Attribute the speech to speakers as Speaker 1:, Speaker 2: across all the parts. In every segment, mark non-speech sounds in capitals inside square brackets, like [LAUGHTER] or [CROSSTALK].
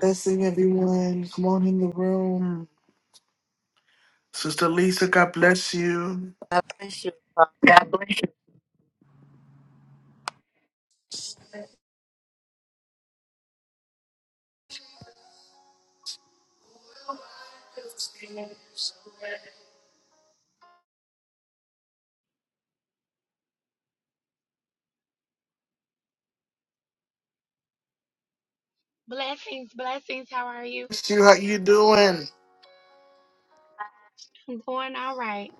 Speaker 1: Blessing everyone. Come on in the room. Sister Lisa, God bless you. Bless
Speaker 2: Blessings, blessings. How are you?
Speaker 1: you. How you doing?
Speaker 2: I'm doing all right.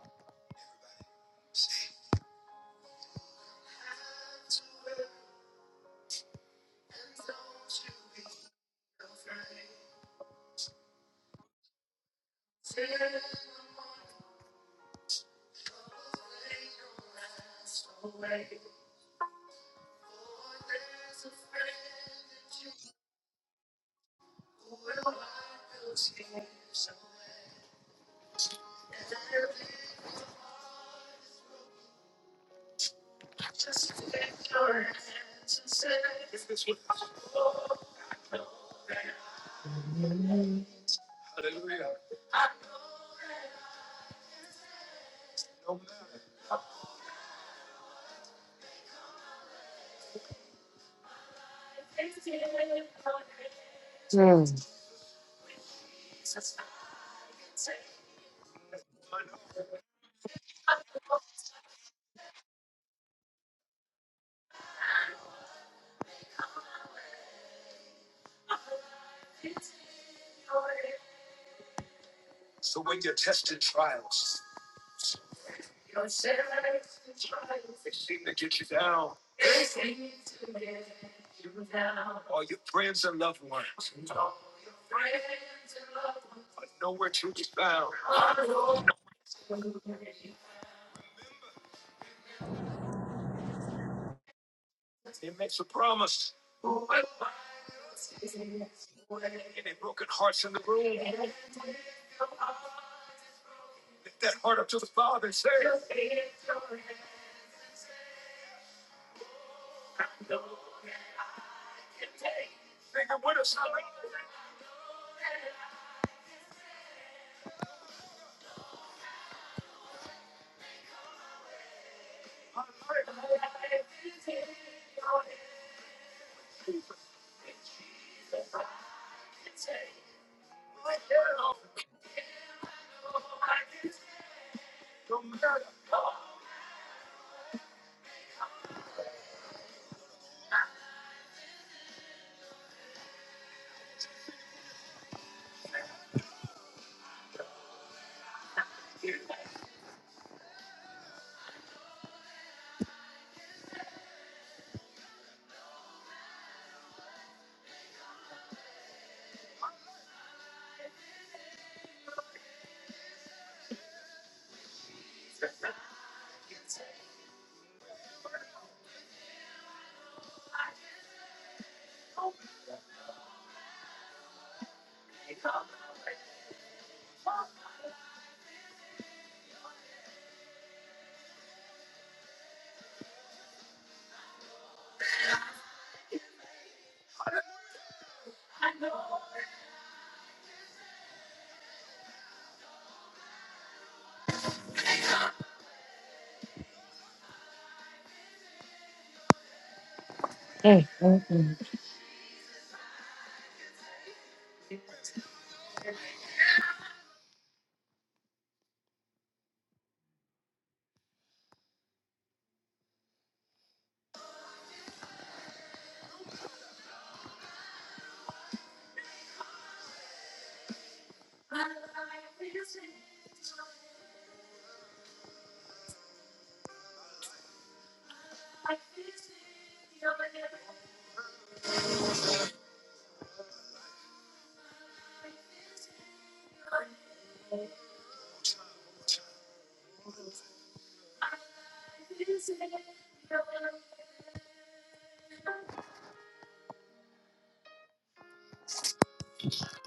Speaker 1: Good.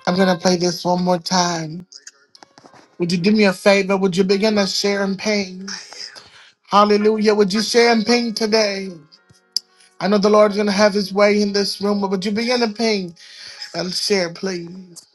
Speaker 1: I'm gonna play this one more time. Would you do me a favor? Would you begin to share and ping? Hallelujah. Would you share and ping today? I know the Lord's gonna have his way in this room, but would you begin to ping and share, please?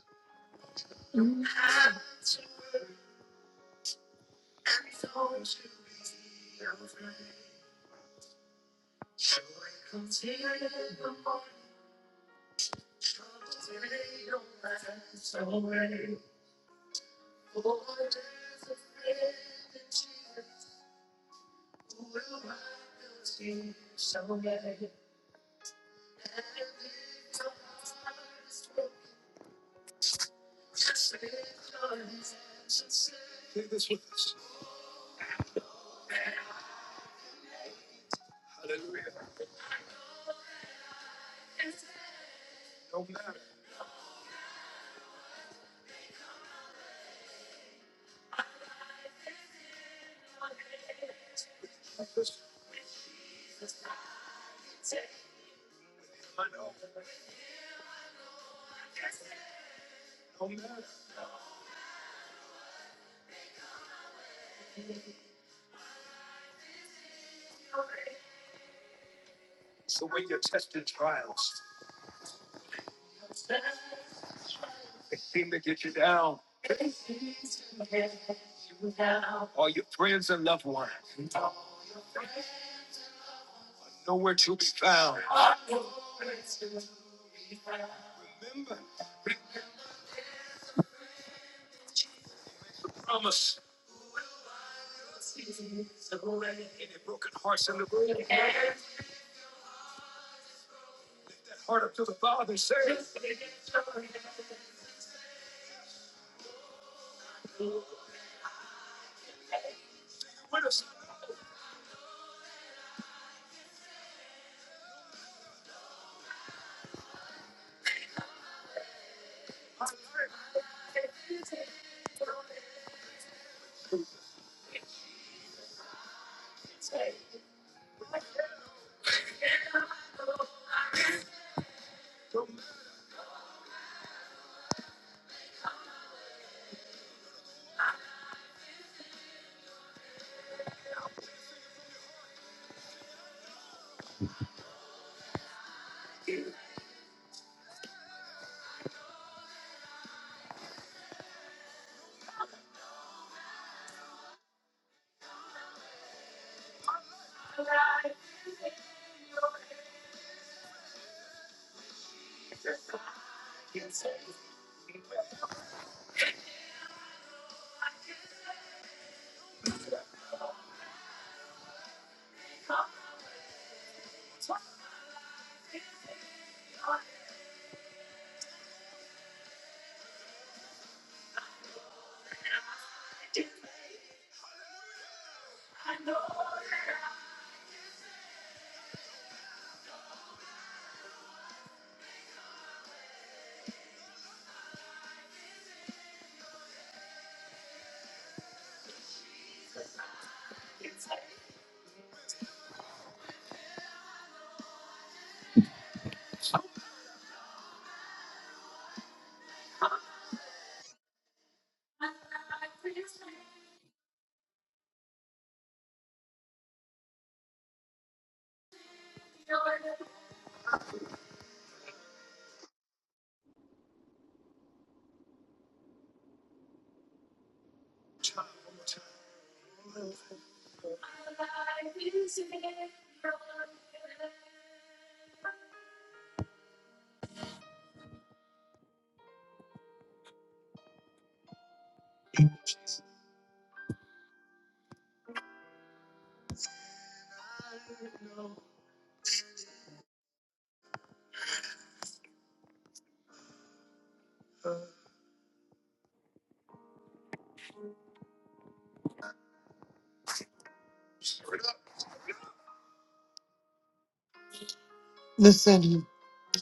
Speaker 1: Listen,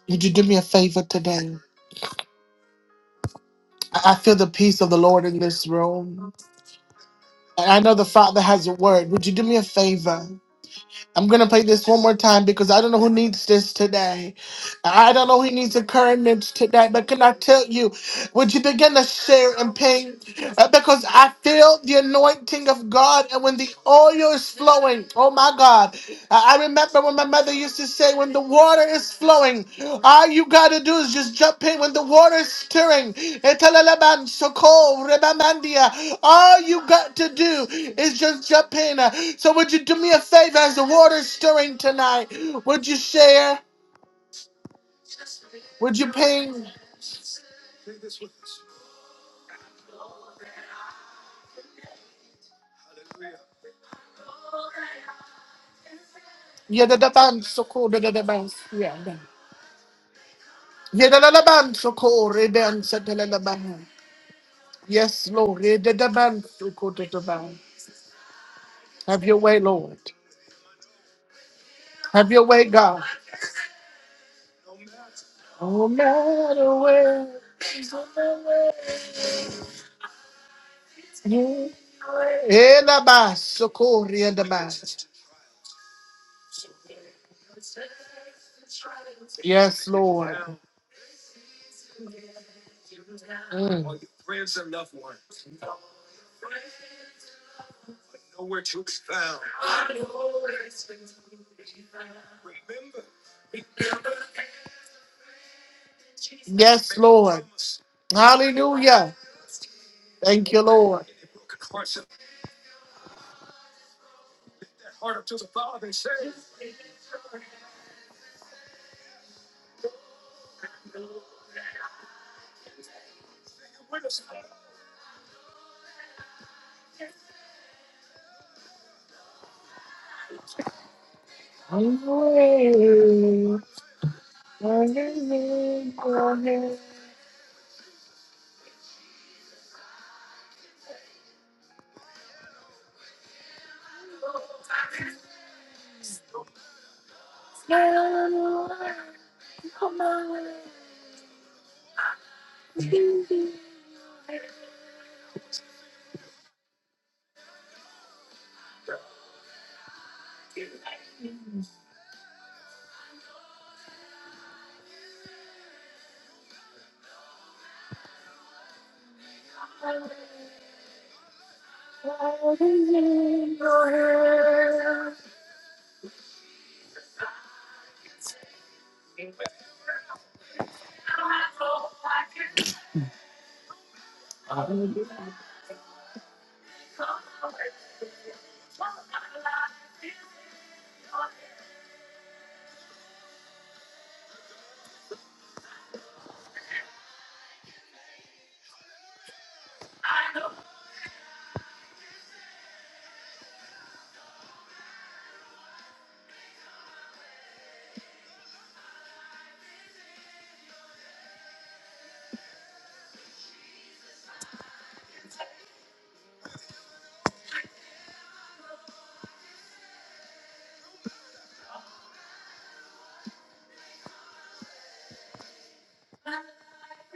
Speaker 1: would you do me a favor today? I I feel the peace of the Lord in this room. And I know the Father has a word. Would you do me a favor? I'm gonna play this one more time because I don't know who needs this today. I don't know who needs encouragement today, but can I tell you, would you begin to share and pain? Uh, Because I feel the anointing of God, and when the oil is flowing, oh my God. I I remember when my mother used to say, when the water is flowing, all you gotta do is just jump in when the water is stirring. Etalalaban, soko, rebamandia. All you got to do is just jump in. So, would you do me a favor as the water is stirring tonight? Would you share? Would you ping? Yadadaban, soko, dadadaban, yeah, yeah. soko, reban, satalalaban. Yes, Lord. Yadadaban, soko, dadadaban. Have your way, Lord. Have your way, God. No matter where. Elabasokori and the mass. Yes, Lord. Mm. Yes, Lord. Hallelujah. Thank you, Lord.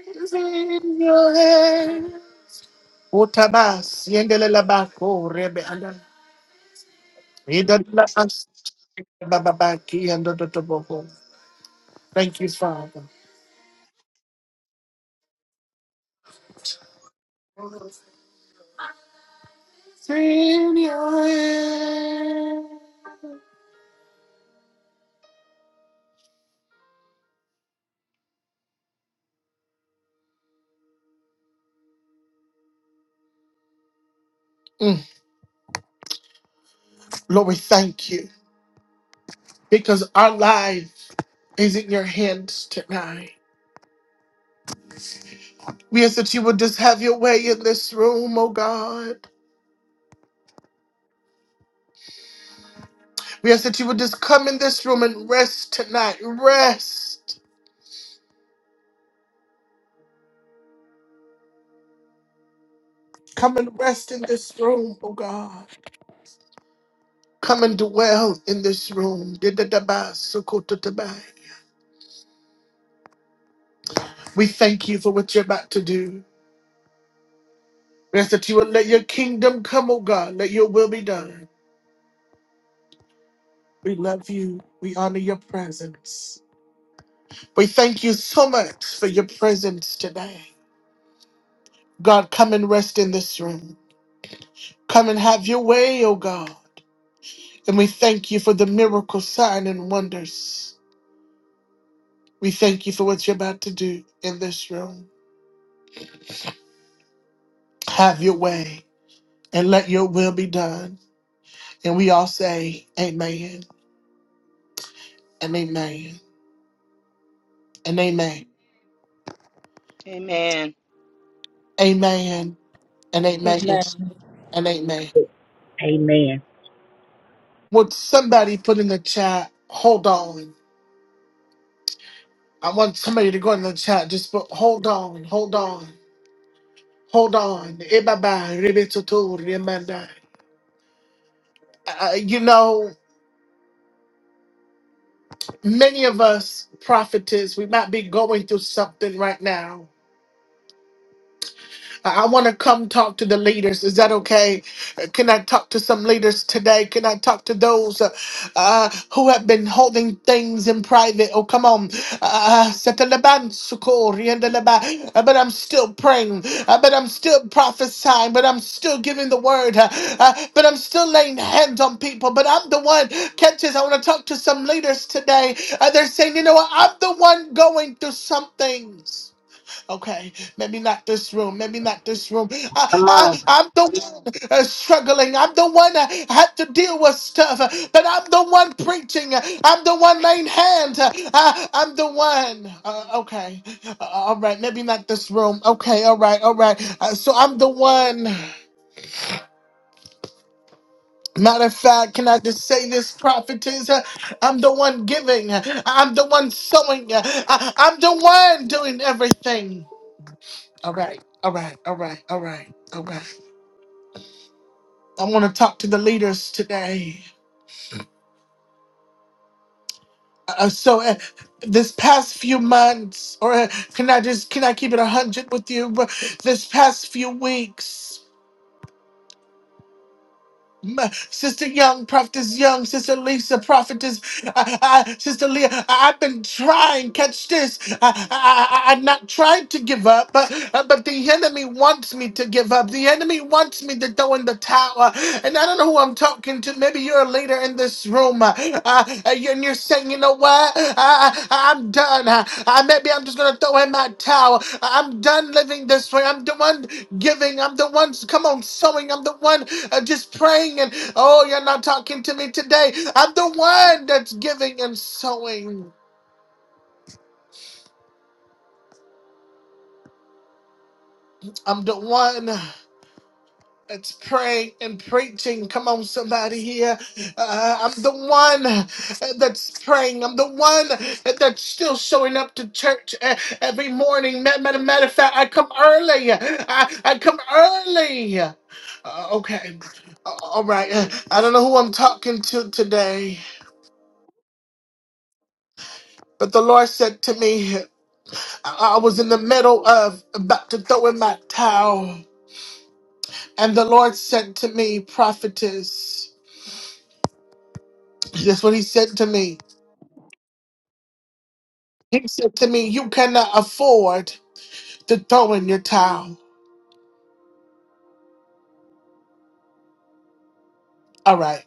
Speaker 1: It's in your hand. Otabas, yendelelabako, rebe, anda. Idalabas, bababaki, and the Thank you, Father. Savior. Mm. Lord, we thank you because our life is in your hands tonight. We ask that you would just have your way in this room, oh God. We ask that you would just come in this room and rest tonight. Rest. Come and rest in this room, oh God. Come and dwell in this room. We thank you for what you're about to do. We ask that you would let your kingdom come, oh God. Let your will be done. We love you. We honor your presence. We thank you so much for your presence today. God, come and rest in this room. Come and have your way, O God. And we thank you for the miracle sign and wonders. We thank you for what you're about to do in this room. Have your way and let your will be done. And we all say, Amen and Amen and Amen.
Speaker 3: Amen.
Speaker 1: Amen and Amen
Speaker 4: Amen.
Speaker 1: and Amen.
Speaker 5: Amen.
Speaker 1: Would somebody put in the chat, hold on? I want somebody to go in the chat. Just put, hold on, hold on, hold on. Ebaba, ribitutu, remanda. Uh, uh, you know, many of us prophetess, we might be going through something right now. I want to come talk to the leaders. Is that okay? Uh, Can I talk to some leaders today? Can I talk to those uh, uh, who have been holding things in private? Oh, come on. Uh, Seteleban sukori endeleba. Uh, but I'm still praying. Uh, but I'm still prophesying. But I'm still giving the word. Uh, uh, but I'm still laying hands on people. But I'm the one. Catches. I want to talk to some leaders today. Uh, they're saying, you know what? I'm the one going through some things. Okay, maybe not this room, maybe not this room. I,
Speaker 5: Come on.
Speaker 1: I, I'm the one uh, struggling. I'm the one that had to deal with stuff, uh, but I'm the one preaching. I'm the one laying hands. Uh, I, I'm the one. Uh, okay, Uh, all right, maybe not this room. Okay, all right, all right. Uh, so I'm the one. Matter of fact, can I just say this, prophetess? Uh, I'm the one giving. I'm the one sowing. Uh, I, I'm the one doing everything. All right, all right, all right, all right, all right. I want to talk to the leaders today. Uh, so, uh, this past few months, or uh, can I just can I keep it a hundred with you? But This past few weeks. Ma- Sister Young, Prophetess Young, Sister Lisa, Prophetess, I, I, Sister Leah, I, I've been trying, catch this. I, I, I, I'm not tried to give up, but, uh, but the enemy wants me to give up. The enemy wants me to throw in the towel. And I don't know who I'm talking to. Maybe you're a leader in this room. Uh, uh, and you're saying, you know what? I, I, I'm done. Uh, uh, maybe I'm just gonna throw in my towel. Uh, I'm done living this way. I'm the one giving. I'm the one, come on, sewing. I'm the one uh, just praying. And oh, you're not talking to me today. I'm the one that's giving and sewing. I'm the one. It's praying and preaching. Come on, somebody here. Uh, I'm the one that's praying. I'm the one that's still showing up to church uh, every morning. Ma- Matter, matter of fact, I come early. I, I come early. Uh, okay. Uh, All right. Uh, I don't know who I'm talking to today, but the Lord said to me, I I was in the middle of about to throw in my towel, and the Lord said to me, prophetess, that's what he said to me. He said to me, You cannot afford to throw in your towel. All right.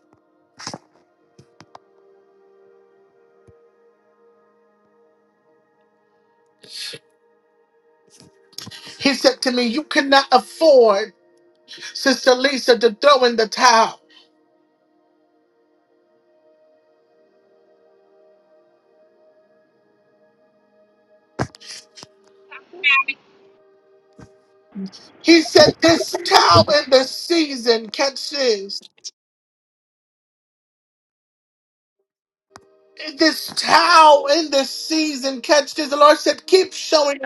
Speaker 1: He said to me, You cannot afford, Sister Lisa, to throw in the towel. He said, This towel in the season, catch this. This towel in the season, catch this. The Lord said, Keep showing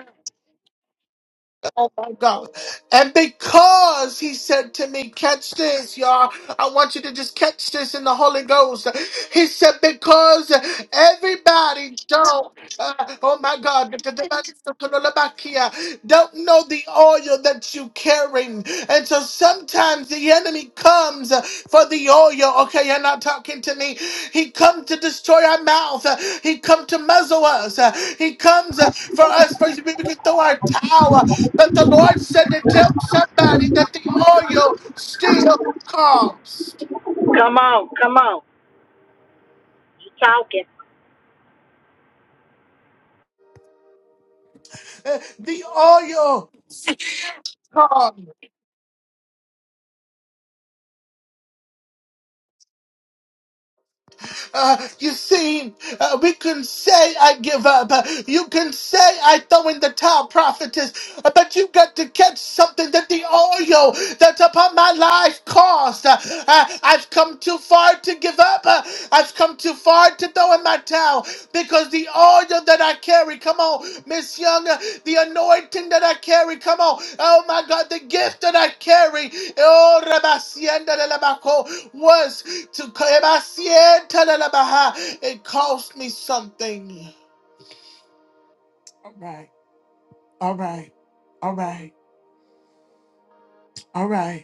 Speaker 1: Oh my God. And because he said to me, catch this, y'all. I want you to just catch this in the Holy Ghost. He said, because everybody don't, uh, oh my God, don't know the oil that you carry. And so sometimes the enemy comes for the oil. Okay, you're not talking to me. He come to destroy our mouth. He come to muzzle us. He comes for us for we can throw our towel. But the Lord said to tell somebody that the oil still comes.
Speaker 5: Come on. Come on. You talking.
Speaker 1: Uh, The oil comes. Uh, you see, uh, we can say I give up. Uh, you can say I throw in the towel, prophetess. Uh, but you got to catch something that the oil that's upon my life cost. Uh, uh, I've come too far to give up. Uh, I've come too far to throw in my towel because the oil that I carry, come on, Miss Young, uh, the anointing that I carry, come on. Oh my God, the gift that I carry. Oh, Rabasienda de la Baco, was to claim I see it Kebasientadalabaha. It cost me something. All right, all right, all right, all right.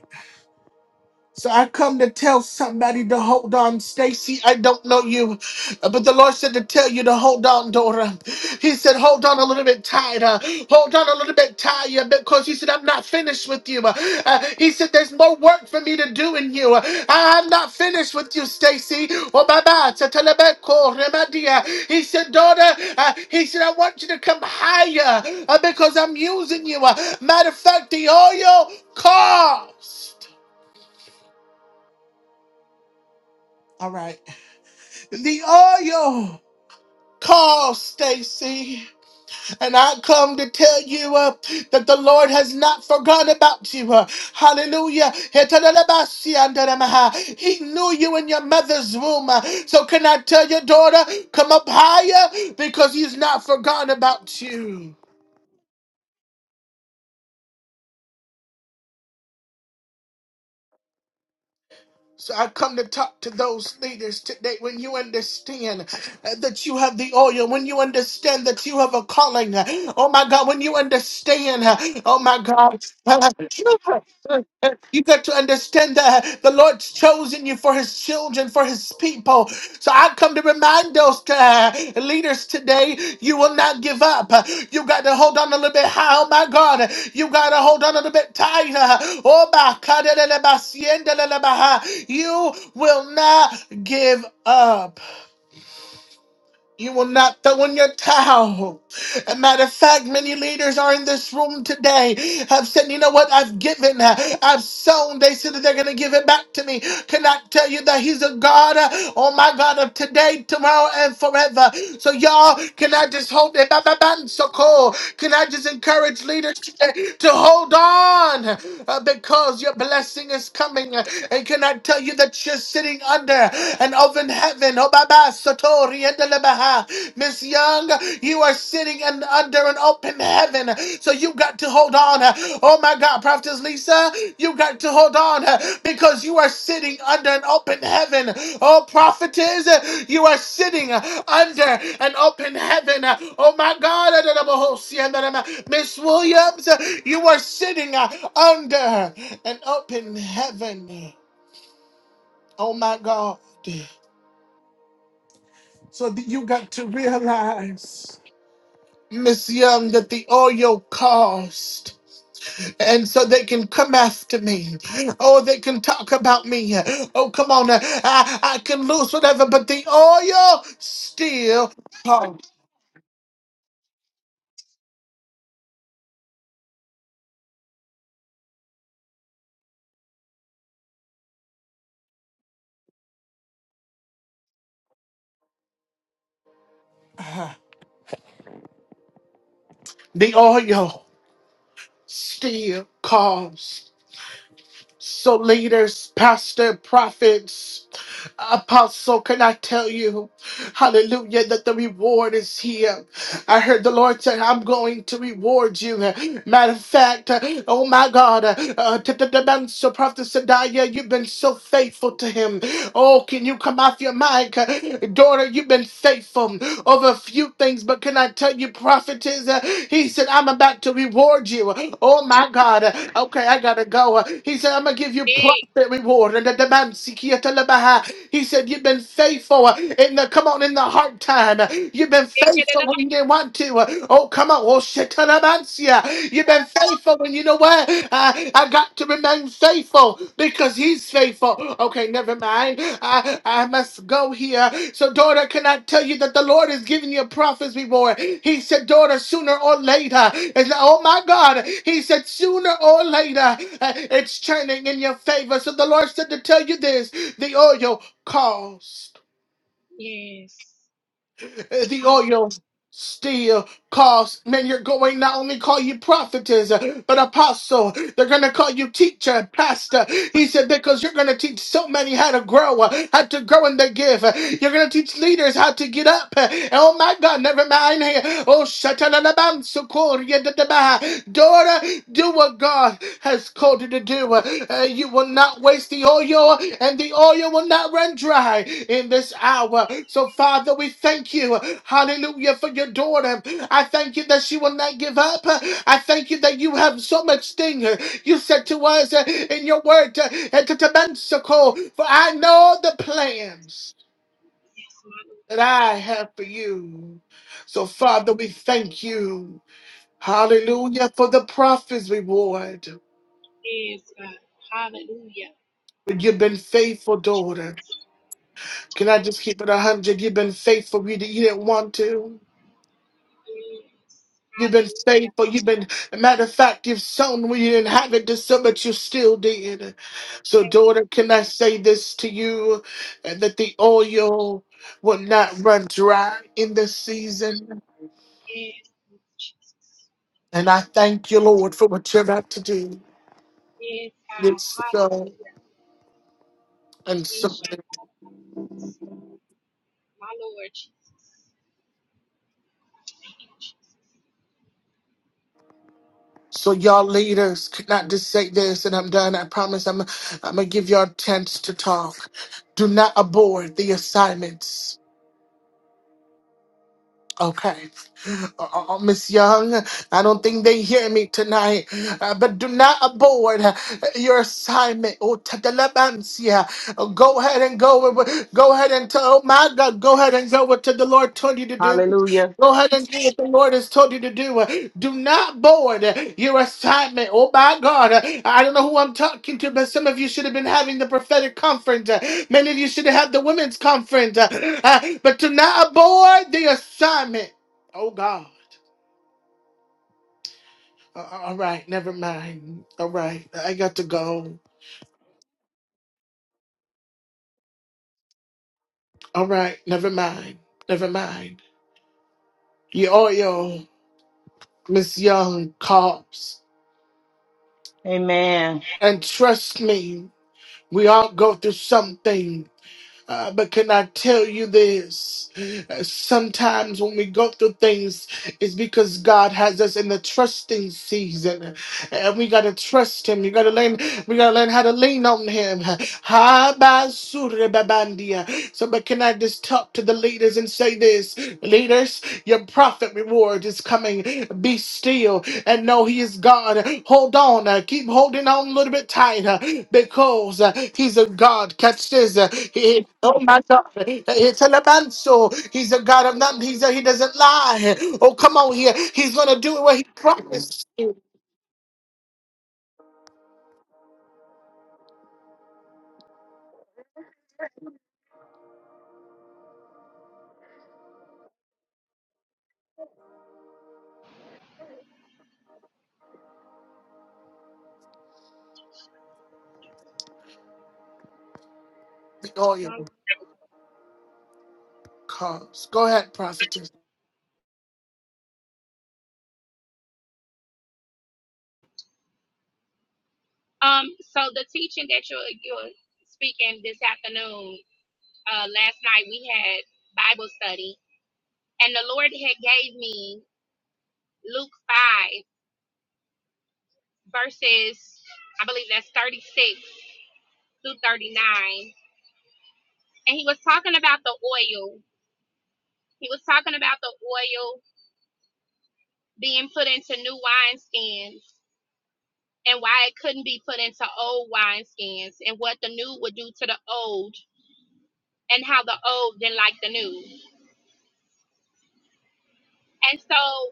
Speaker 1: So I come to tell somebody to hold on, Stacy. I don't know you, but the Lord said to tell you to hold on, Dora. He said, hold on a little bit tighter. Hold on a little bit tighter because he said, I'm not finished with you. Uh, he said, there's more work for me to do in you. I'm not finished with you, Stacy. Oh, Baba, Tatalabeko, Remadia. He said, daughter, uh, he said, I want you to come higher uh, because I'm using you. Uh, matter of fact, the oil cost. All right. The oil call Stacy. And I come to tell you uh, that the Lord has not forgotten about you. Uh, hallelujah. He knew you in your mother's womb. Uh, so can I tell your daughter, come up higher because he's not forgotten about you. So I come to talk to those leaders today. When you understand uh, that you have the oil, when you understand that you have a calling, uh, oh my God, when you understand, uh, oh my God, [LAUGHS] you got to understand that the Lord's chosen you for His children, for for his people. So I come to remind those uh, leaders today, you will not give up. You got to hold on a little bit high, oh my God. You got to hold on a little bit tighter. Oh my God. You will not give up. You will not throw in your towel. A matter of fact, many leaders are in this room today have said, you know what, I've given, I've sown. They said that they're going to give it back to me. Can I tell you that He's a God, uh, oh my God, of today, tomorrow, and forever. So y'all, can I just hold it? Ba, ba, ba, So cool. Can I just encourage leaders today to hold on uh, because your blessing is coming. And can I tell you that you're sitting under? of in heaven. Oh, Baba, Satori, and Delebaha. Miss Young, you are sitting in, under an open heaven. So you got to hold on. Oh my God, Prophetess Lisa, you got to hold on because you are sitting under an open heaven. Oh, prophetess, you are sitting under an open heaven. Oh my God, Miss Williams, you are sitting under an open heaven. Oh my God. So that you got to realize, Miss Young, that the oil cost. And so they can come after me. Oh, they can talk about me. Oh, come on. I, I can lose whatever, but the oil still cost. The oil still cost. So, leaders, pastor, prophets, apostle, can I tell you, hallelujah, that the reward is here. I heard the Lord say, I'm going to reward you. Matter of fact, oh my God, uh, t- t- t- man, so Prophet Sadiah, you've been so faithful to him. Oh, can you come off your mic? Daughter, you've been faithful over a few things, but can I tell you? God, you prophetess. Uh, He said, I'm about to reward you. Oh my God. Uh, Okay, I gotta go. Uh, He said, I'm gonna give you prophet reward. And the demand seeking to live behind. He said, You've been faithful uh, in the come on in the hard time. Uh, You've been faithful when you didn't want to. Uh, Oh, come on. Oh shit. You've been faithful when you know what? Uh, I got got to remain faithful because he's faithful. Okay, never mind. I, I must go here. So, daughter, can I tell you that the Lord is giving you a prophet's reward? He said, daughter, sooner or later. And oh my God, he said, sooner or later, uh, it's turning in your favor. So the Lord said to tell you this the oil calls
Speaker 2: Yes.
Speaker 1: the
Speaker 2: Hallelujah.
Speaker 1: oil still calls. Man, you're going not only call you prophetess, uh, but apostle. They're going to call you teacher, pastor. He said, because you're going to teach so many how to grow, uh, how to grow in the gift. Uh, You're going to teach leaders how to get up. Uh, Oh my God, never mind. Oh, shatalabam, sukori, yadadabaha. daughter, do what God has has called you to do. Uh, you will not waste the oil, and the oil will not run dry in this hour. So, Father, we thank you, hallelujah, for your daughter. I thank you that she will not give up. I thank you that you have so much sting. You said to us uh, in your word, uh, and to Tabensacol, for I know the plans
Speaker 2: Yes, my Lord
Speaker 1: that I
Speaker 2: Jesus.
Speaker 1: have for you. So, Father, we thank you.
Speaker 2: Hallelujah.
Speaker 1: Hallelujah for the prophet's reward.
Speaker 2: Yes, God. Hallelujah.
Speaker 1: You've been faithful, daughter.
Speaker 2: Jesus.
Speaker 1: Can I just keep it a hundred? You've been faithful. You, you didn't want to.
Speaker 2: Yes.
Speaker 1: You've been
Speaker 2: Hallelujah.
Speaker 1: faithful. You've been, matter of fact, you've sown when you didn't have it to sow, but you still did. So,
Speaker 2: Thank
Speaker 1: daughter, can I say this to you uh, that the
Speaker 2: you, Jesus.
Speaker 1: oil will not run dry in this season?
Speaker 2: Yes, Lord Jesus.
Speaker 1: And I thank you, Lord, for what you're about to do.
Speaker 2: Yes, God.
Speaker 1: It's
Speaker 2: Hallelujah.
Speaker 1: so and so.
Speaker 2: Yes, My Lord Jesus. Thank you, Jesus.
Speaker 1: So y'all leaders, could not just say this and I'm done. I promise I'm I'm gonna give y'all a chance to talk. Do not abort the assignments. Okay. Oh, oh, Miss Young, I don't think they hear me tonight, uh, but do not abort uh, your assignment. Oh, tadalabansia. Oh, go ahead and go. with- Go ahead and tell. Oh my God, go ahead and go what the Lord told you to do.
Speaker 3: Hallelujah.
Speaker 1: Go ahead and do what the Lord has told you to do. Do not board your assignment. Oh my God. I don't know who I'm talking to, but some of you should have been having the prophetic conference. Many of you should have had the women's conference. Uh, But do not abort the assignment. Oh God. A- All right, never mind. All right, I got to go. All right, never mind. Never mind. Your oil, Miss Young, calls.
Speaker 3: Amen.
Speaker 1: And trust me, we all go through something. Uh, but can I tell you this? Uh, Sometimes when we go through things, it's because God has us in the trusting season, and we gotta trust Him. You gotta learn. We gotta learn how to lean on Him. Ha, ba, su, re, ba, ban, dia. So, but can I just talk to the leaders and say this? Leaders, your prophet reward is coming. Be still and know He is God. Hold on, uh, keep holding on a little bit tighter because uh, He's a God. Catch this. uh, he, oh my God, it's a labanso. He's a God of nothing. He's a, He doesn't lie. Oh, come on here. He's gonna do it what He promised. you. Oh, your
Speaker 2: My-
Speaker 1: cause. Go ahead, prophetess.
Speaker 2: Um, so the teaching that you're you're speaking this afternoon uh, last night we had Bible study, and the Lord had gave me Luke five verses, I believe that's thirty six through thirty nine, and He was talking about the oil. He was talking about the oil being put into new wineskins and why it couldn't be put into old wineskins and what the new would do to the old and how the old didn't like the new. And so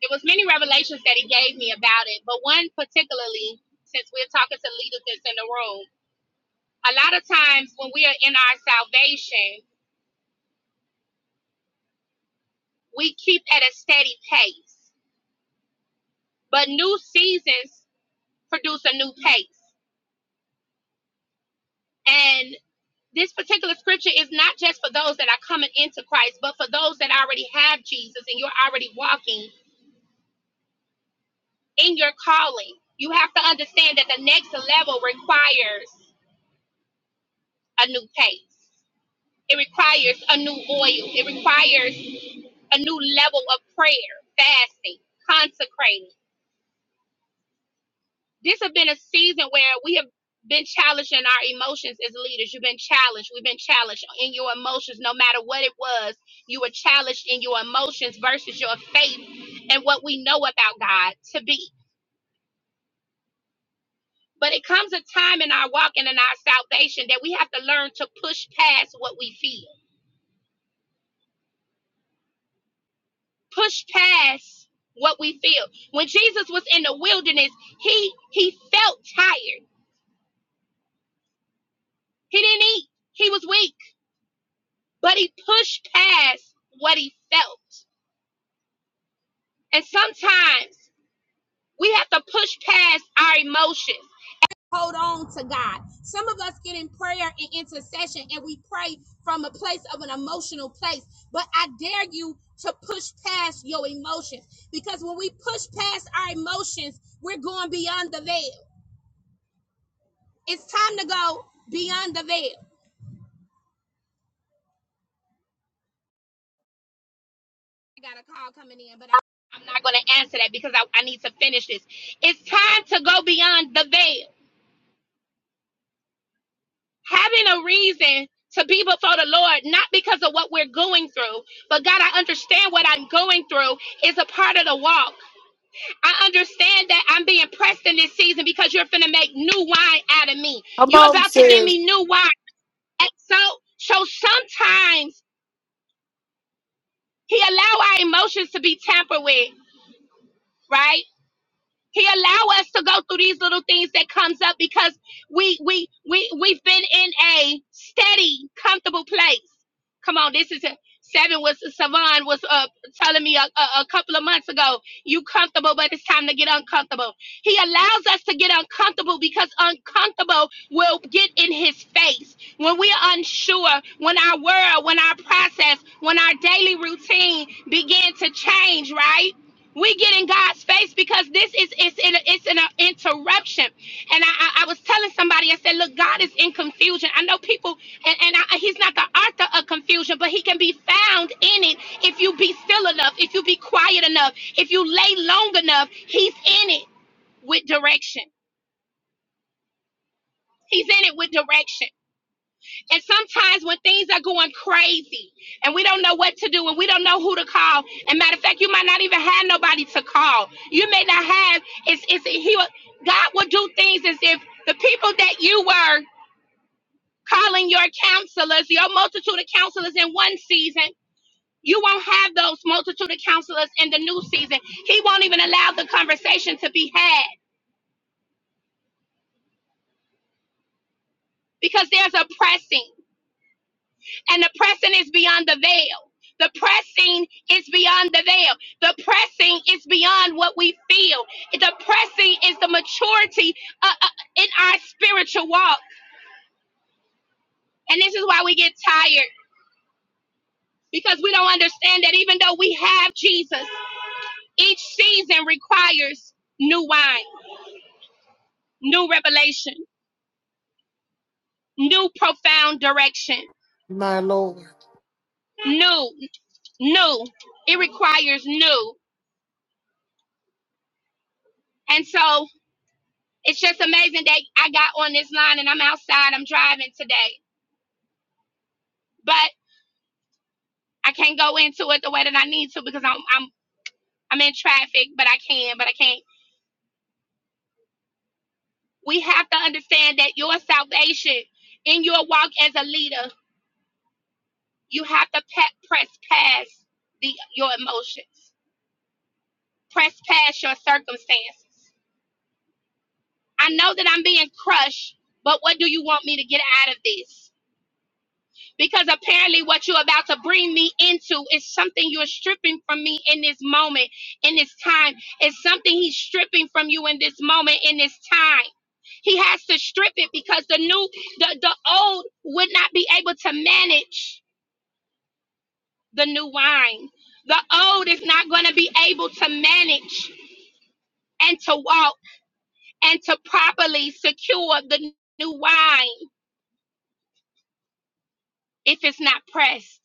Speaker 2: There was many revelations that he gave me about it, but one particularly, since we're talking to leaders that's in the room, a lot of times when we are in our salvation, we keep at a steady pace, but new seasons produce a new pace. And this particular scripture is not just for those that are coming into Christ, but for those that already have Jesus and you're already walking in your calling. You have to understand that the next level requires a new pace. It requires a new oil. It requires a new level of prayer, fasting, consecrating. This has been a season where we have been challenged in our emotions as leaders. You've been challenged. We've been challenged in your emotions, no matter what it was. You were challenged in your emotions versus your faith and what we know about God to be. But it comes a time in our walking and our salvation that we have to learn to push past what we feel push past what we feel. When Jesus was in the wilderness, he he felt tired. He didn't eat. He was weak, but he pushed past what he felt. And sometimes we have to push past our emotions. Hold on to God. Some of us get in prayer and intercession and we pray from a place of an emotional place, but I dare you to push past your emotions because when we push past our emotions, we're going beyond the veil. It's time to go beyond the veil. I got a call coming in, but I, I'm not going to answer that because I, I need to finish this. It's time to go beyond the veil. Having a reason to be before the Lord, not because of what we're going through, but God, I understand what I'm going through is a part of the walk. I understand that I'm being pressed in this season because you're finna make new wine out of me.
Speaker 1: Come
Speaker 2: You're
Speaker 1: on,
Speaker 2: about to give
Speaker 1: sis.
Speaker 2: me new wine. And so, so sometimes He allow our emotions to be tampered with, right? He allow us to go through these little things that comes up because we we we we've been in a steady, comfortable place. Come on, this is a, seven was Savon was uh, telling me a, a, a couple of months ago. You comfortable, but it's time to get uncomfortable. He allows us to get uncomfortable because uncomfortable will get in His face when we're unsure, when our world, when our process, when our daily routine begin to change. Right we get in God's face because this is it's in it's an interruption. And I, I I was telling somebody, I said, look, God is in confusion. I know people, and, and I, He's not the author of confusion, but He can be found in it if you be still enough, if you be quiet enough, if you lay long enough. He's in it with direction. He's in it with direction. And sometimes when things are going crazy and we don't know what to do and we don't know who to call, and matter of fact, you might not even have nobody to call. You may not have. It's it's he. God will do things as if the people that you were calling your counselors, your multitude of counselors in one season, you won't have those multitude of counselors in the new season. He won't even allow the conversation to be had because there's a pressing. and the pressing is beyond the veil. The pressing is beyond the veil. The pressing is beyond what we feel. The pressing is the maturity uh, uh, in our spiritual walk. And this is why we get tired because we don't understand that even though we have Jesus, each season requires new wine, new revelation, new profound direction,
Speaker 1: My Lord.
Speaker 2: new, new. It requires new. And so it's just amazing that I got on this line and I'm outside. I'm driving today, but I can't go into it the way that I need to because I'm I'm I'm in traffic, but I can, but I can't. We have to understand that your salvation in your walk as a leader, you have to pe- press past the your emotions, press past your circumstances. I know that I'm being crushed, but what do you want me to get out of this? because apparently what you're about to bring me into is something you're stripping from me in this moment, in this time. It's something he's stripping from you in this moment, in this time. He has to strip it because the new, the, the old would not be able to manage the new wine. The old is not going to be able to manage and to walk and to properly secure the new wine if it's not pressed.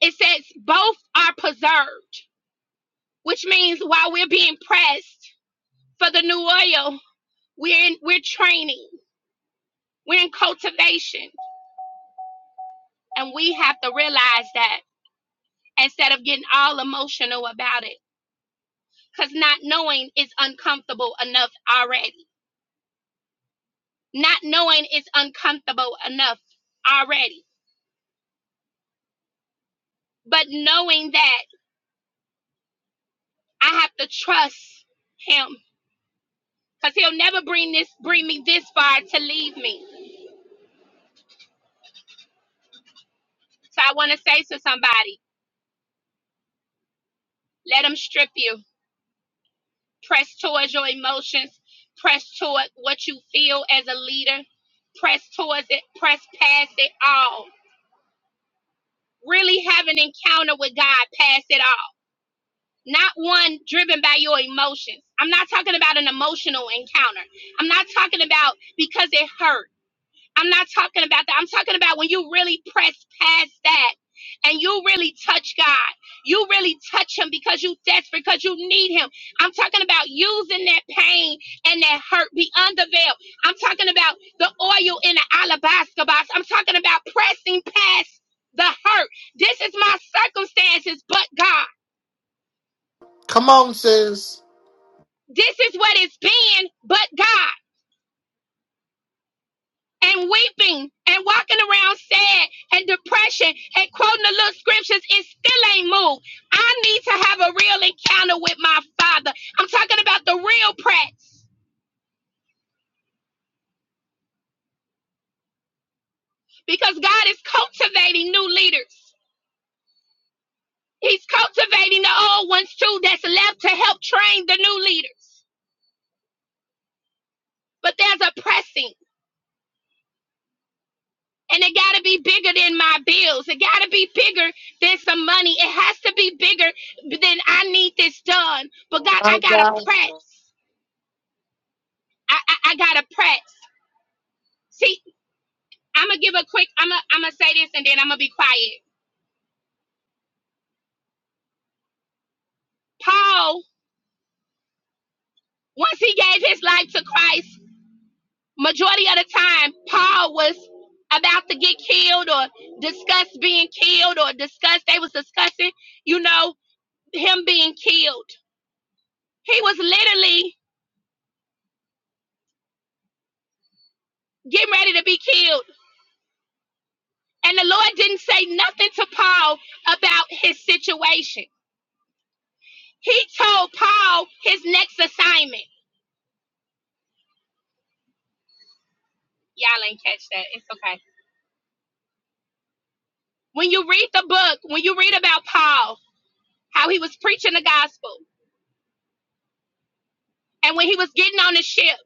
Speaker 2: It says both are preserved which means while we're being pressed for the new oil, we're in, we're training, we're in cultivation, and we have to realize that instead of getting all emotional about it, because not knowing is uncomfortable enough already. Not knowing is uncomfortable enough already, but knowing that I have to trust Him, because He'll never bring this bring me this far to leave me. So I want to say to somebody, let Him strip you press towards your emotions, press toward what you feel as a leader, press towards it, press past it all. Really have an encounter with God past it all. Not one driven by your emotions. I'm not talking about an emotional encounter. I'm not talking about because it hurt. I'm not talking about that. I'm talking about when you really press past that and you really touch God. You really touch Him because you desperate, because you need Him. I'm talking about using that pain and that hurt beyond the veil. I'm talking about the oil in the alabaster box. I'm talking about pressing past the hurt. This is my circumstances, but God.
Speaker 1: Come on, sis.
Speaker 2: This is what it's been, but God. and weeping and walking around sad and depression and quoting the little scriptures, it still ain't moved. I need to have a real encounter with my father. I'm talking about the real prats because God is cultivating new leaders. He's cultivating the old ones too that's left to help train the new leaders. But there's a pressing and it got to be bigger than my bills. It got to be bigger than some money. It has to be bigger than I need this done. But God,
Speaker 1: My
Speaker 2: I got
Speaker 1: God.
Speaker 2: to press. I, I, I gotta press. See, I'm gonna give a quick. I'm gonna I'm gonna say this and then I'm gonna be quiet. Paul, once he gave his life to Christ, majority of the time Paul was about to get killed or discuss being killed or discuss they was discussing, you know, him being killed. He was literally getting ready to be killed, and the Lord didn't say nothing to Paul about his situation. He told Paul his next assignment. Y'all ain't catch that. It's okay when you read the book, when you read about Paul, how he was preaching the gospel, and when he was getting on the ship,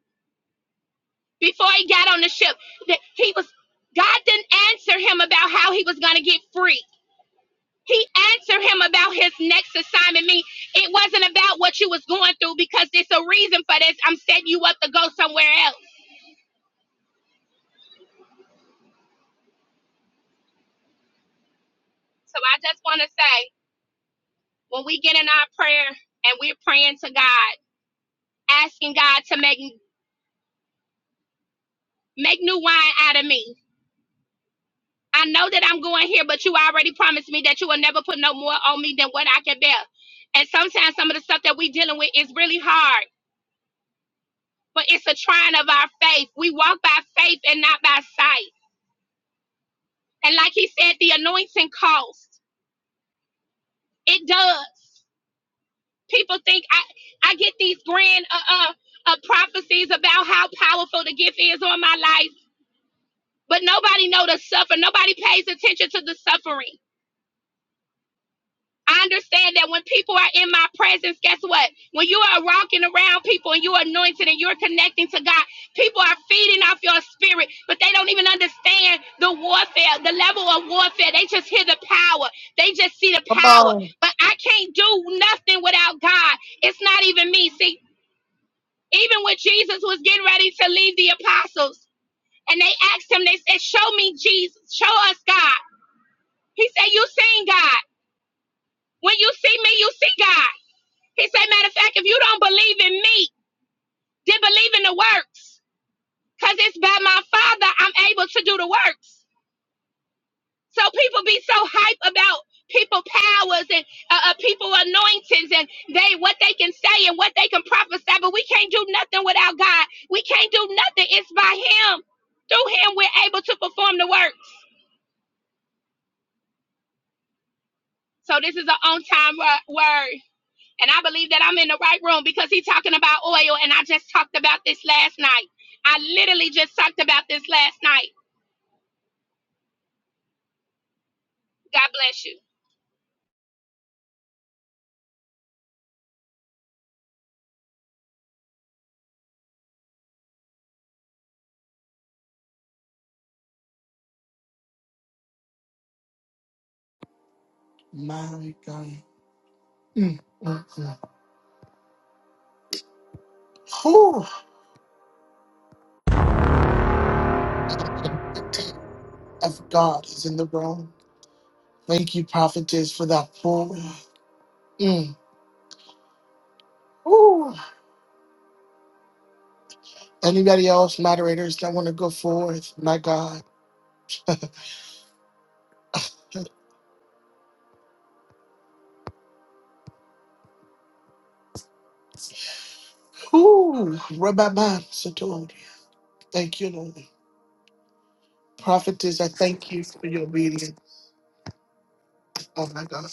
Speaker 2: before he got on the ship, that he was God didn't answer him about how he was going to get free. He answered him about his next assignment. Me, it wasn't about what you was going through because there's a reason for this. I'm setting you up to go somewhere else. So I just want to say, when we get in our prayer and we're praying to God, asking God to make make new wine out of me, I know that I'm going here, but you already promised me that you will never put no more on me than what I can bear. And sometimes some of the stuff that we're dealing with is really hard, but it's a trying of our faith. We walk by faith and not by sight. And like he said, the anointing costs. It does. People think I, I get these grand uh, uh, uh, prophecies about how powerful the gift is on my life, but nobody know the suffer. Nobody pays attention to the suffering. I understand that when people are in my presence, guess what? When you are walking around people and you're anointed and you're connecting to God, people are feeding off your spirit, but they don't even understand the warfare, the level of warfare. They just hear the power, they just see the
Speaker 1: Come
Speaker 2: power.
Speaker 1: on.
Speaker 2: But I can't do nothing without God. It's not even me. See, even when Jesus was getting ready to leave the apostles and they asked him, they said, Show me Jesus, show us God. He said, You seen God. When you see me, you see God. He said, matter of fact, if you don't believe in me, then believe in the works. Because it's by my Father I'm able to do the works. So people be so hype about people powers and uh, uh, people anointings and they what they can say and what they can prophesy, but we can't do nothing without God. We can't do nothing. It's by Him. Through Him, we're able to perform the works. So this is an on-time word. And I believe that I'm in the right room because he's talking about oil. And I just talked about this last night. I literally just talked about this last night. God bless you.
Speaker 1: My God. Mm, mm, mm. Whew. The tip of God is in the room. Thank you, prophetess, for that pour. Mm. Ooh. Anybody else, moderators, that want to go forth? My God. Ooh. Rabbi Man Satori. Thank you, Lord. Prophetess, I thank you for your obedience. Oh, my God.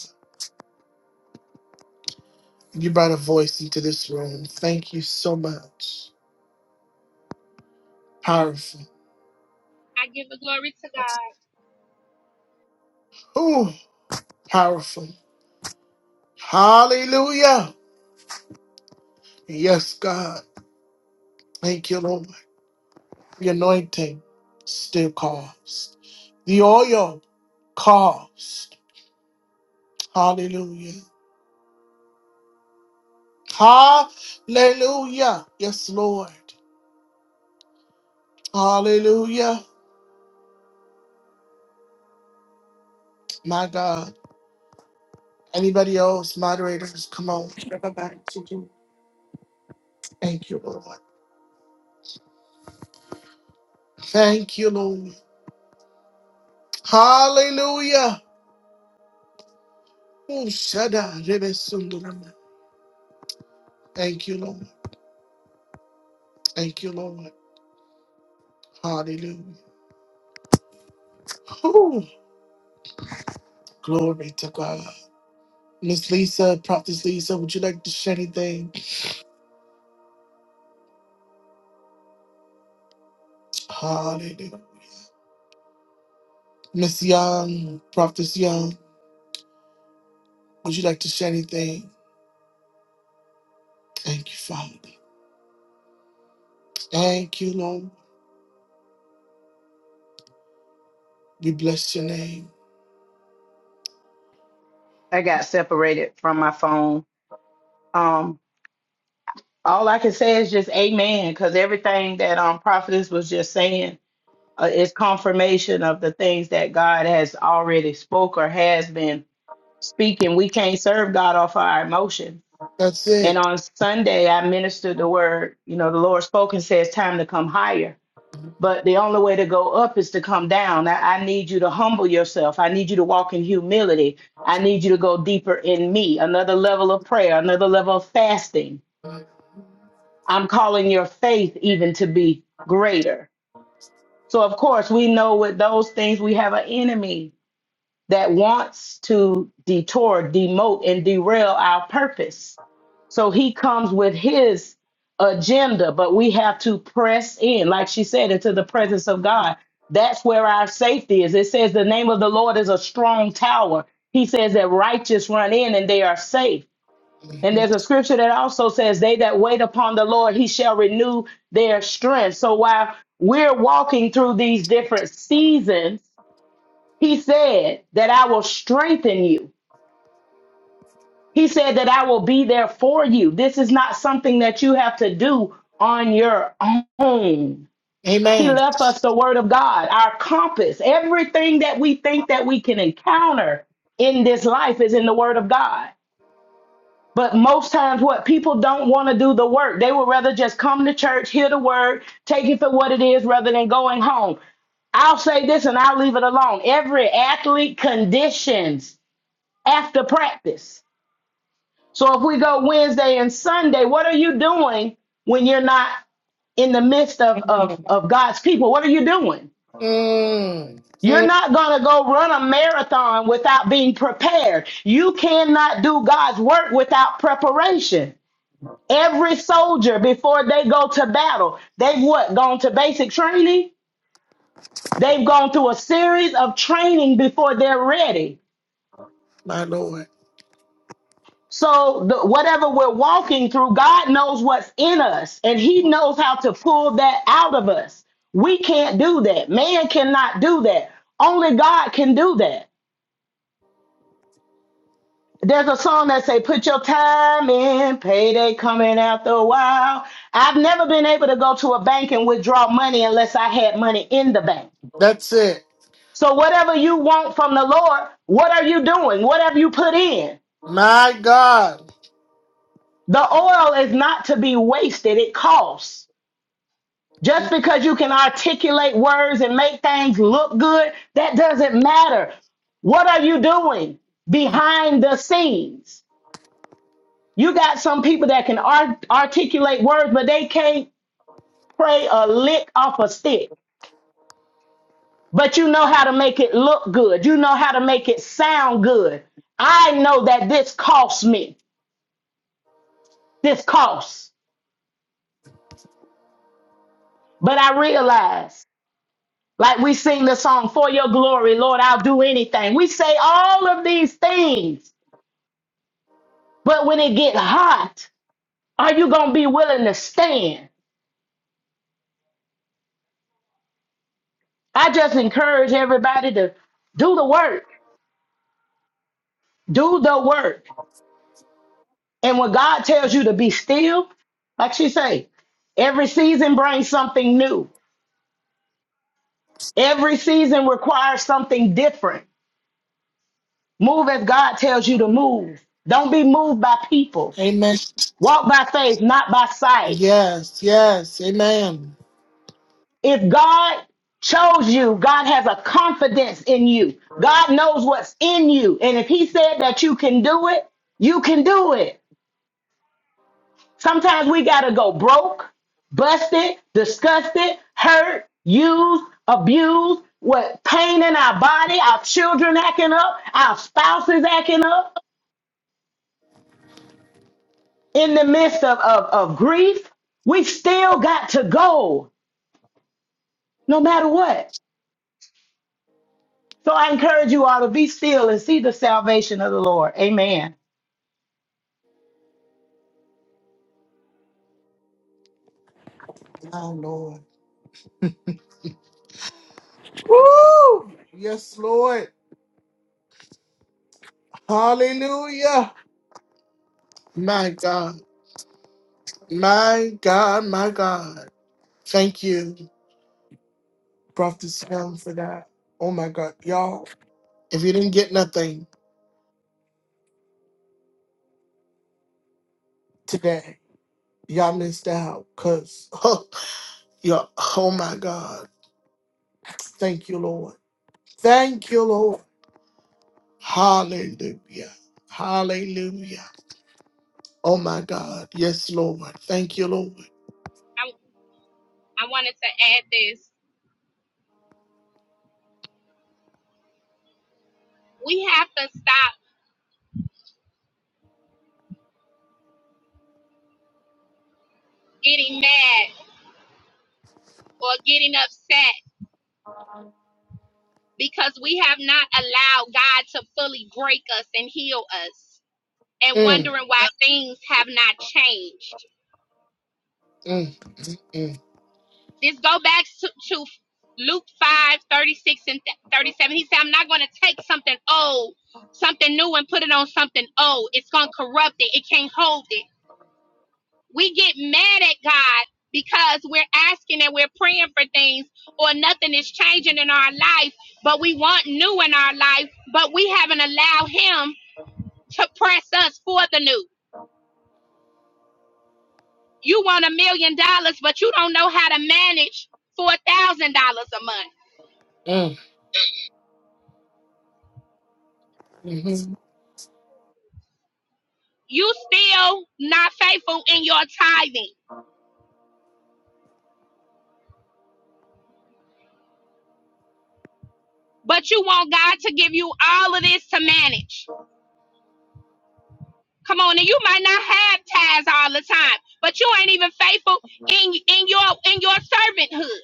Speaker 1: You brought a voice into this room. Thank you so much. Powerful.
Speaker 2: I give the glory to God.
Speaker 1: Ooh. Powerful. Hallelujah. Yes, God. Thank you, Lord. The anointing still calls. The oil calls. Hallelujah. Hallelujah. Yes, Lord. Hallelujah. My God. Anybody else? Moderators, come on. Give it back to you. Thank you, Lord. Thank you, Lord. Hallelujah. Oh, Shaddai, Rebbe Sundaram. Thank you, Lord. Thank you, Lord. Hallelujah. Ooh, glory to God. Miss Lisa, Prophetess Lisa, would you like to share anything? Hallelujah. Miss Young, Prophetess Young, would you like to share anything? Thank you, Father. Thank you, Lord. We bless your name.
Speaker 3: I got separated from my phone. Um, all I can say is just amen, because everything that um prophetess was just saying uh, is confirmation of the things that God has already spoke or has been speaking. We can't serve God off our emotion.
Speaker 1: That's
Speaker 3: And
Speaker 1: it.
Speaker 3: on Sunday, I ministered the word. You know, the Lord spoke and says, "Time to come higher." But the only way to go up is to come down. I, I need you to humble yourself. I need you to walk in humility. I need you to go deeper in me, another level of prayer, another level of fasting. I'm calling your faith even to be greater. So, of course, we know with those things we have an enemy that wants to detour, demote, and derail our purpose. So he comes with his agenda, but we have to press in, like she said, into the presence of God. That's where our safety is. It says the name of the Lord is a strong tower. He says that righteous run in and they are safe. And there's
Speaker 1: Mhm.
Speaker 3: a scripture that also says, They that wait upon the Lord, he shall renew their strength. So while we're walking through these different seasons, he said that I will strengthen you. He said that I will be there for you. This is not something that you have to do on your own. He
Speaker 1: Amen.
Speaker 3: left us the word of God, our compass. Everything that we think that we can encounter in this life is in the word of God. But most times, what people don't want to do the work, they would rather just come to church, hear the word, take it for what it is, rather than going home. I'll say this and I'll leave it alone. Every athlete conditions. after practice. So if we go Wednesday and Sunday, what are you doing when you're not in the midst of, of, of God's people? What are you doing?
Speaker 1: Mm,
Speaker 3: You're
Speaker 1: mm,
Speaker 3: not going to go run a marathon without being prepared. You cannot do God's work without preparation. Every soldier, before they go to battle, they've what? Gone to basic training? They've gone through a series of training before they're ready.
Speaker 1: my Lord.
Speaker 3: So the, whatever we're walking through, God knows what's in us and he knows how to pull that out of us. We can't do that. Man cannot do that. Only God can do that. There's a song that say, put your time in, payday coming after a while. I've never been able to go to a bank and withdraw money unless I had money in the bank.
Speaker 1: That's it.
Speaker 3: So whatever you want from the Lord, what are you doing? What have you put in?
Speaker 1: My God.
Speaker 3: The oil is not to be wasted. It costs. Just
Speaker 1: Mm,
Speaker 3: because you can articulate words and make things look good, that doesn't matter. What are you doing
Speaker 1: mm.
Speaker 3: behind the scenes? You got some people that can art- articulate words, but they can't pray a lick off a stick. But you know how to make it look good. You know how to make it sound good. I know that this costs me. This costs. But I realize, like we sing the song, For Your Glory, Lord, I'll do anything. We say all of these things But when it get hot, are you gonna be willing to stand? I just encourage everybody to do the work, do the work. And when God tells you to be still, like she say, every season brings something new. Every season requires something different. Move as God tells you to move. Don't be moved by people.
Speaker 1: Amen.
Speaker 3: Walk by faith, not by sight.
Speaker 1: Yes, yes. Amen.
Speaker 3: If God chose you, God has a confidence in you. God knows what's in you. And if He said that you can do it, you can do it. Sometimes we got to go broke, busted, disgusted, hurt, used, abused, what pain in our body, our children acting up, our spouses acting up in the midst of, of, of grief. We still got to go no matter what. So I encourage you all to be still and see the salvation of the Lord. Amen.
Speaker 1: My Lord. Woo! Yes, Lord. Hallelujah. My God. My God, my God. Thank you, Prophet Sam, for that. Oh my God, y'all. If you didn't get nothing today, y'all missed out. Cause [LAUGHS] oh, y'all, oh my God. Thank you, Lord. Thank you, Lord. Hallelujah. Hallelujah. Oh my God. Yes, Lord. Thank you, Lord.
Speaker 2: I, I wanted to add this. We have to stop getting mad or getting upset because we have not allowed God to fully break us and heal us and
Speaker 1: Mm,
Speaker 2: wondering why things have not changed.
Speaker 1: mm, mm,
Speaker 2: This go back to, to Luke 5:36 and 37. He said, I'm not going to take something old, something new, and put it on something old. It's going to corrupt it. It can't hold it. We get mad at God because we're asking and we're praying for things or nothing is changing in our life, but we want new in our life, but we haven't allowed Him to press us for the new. You want a million dollars, but you don't know how to manage $4,000 a month
Speaker 1: mm, mm, mm,
Speaker 2: you still not faithful in your tithing, but you want God to give you all of this to manage. Come on, and you might not have tithes all the time, but you ain't even faithful in in your in your servanthood.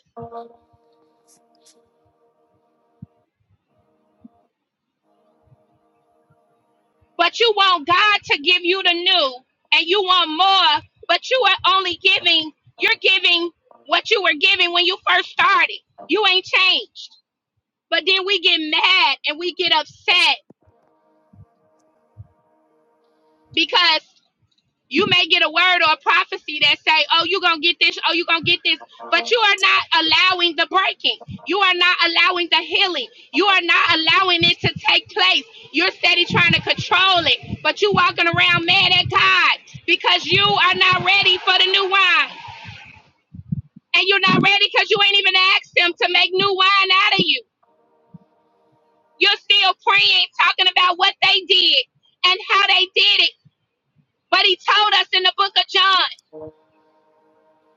Speaker 2: But you want God to give you the new, and you want more, but you are only giving. You're giving what you were giving when you first started. You ain't changed. But then we get mad and we get upset because you may get a word or a prophecy that say, "Oh, you're gonna get this. Oh, you're gonna get this." But you are not allowing the breaking. You are not allowing the healing. You are not allowing it to take place. You're steady trying to control it, but you are walking around mad at God because you are not ready for the new wine, and you're not ready because you ain't even asked Him to make new wine out of you. You're still praying, talking about what they did and how they did it. But He told us in the Book of John.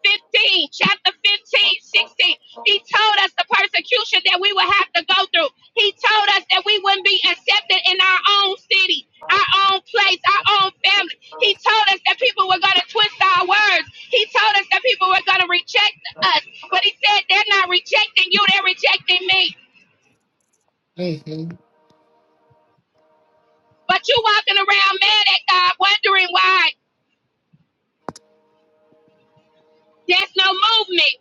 Speaker 2: 15, chapter 15, 16. He told us the persecution that we would have to go through. He told us that we wouldn't be accepted in our own city, our own place, our own family. He told us that people were going to twist our words. He told us that people were going to reject us. But he said, they're not rejecting you, they're rejecting me.
Speaker 1: mm, mm,
Speaker 2: But you walking around mad at God, wondering why there's no movement.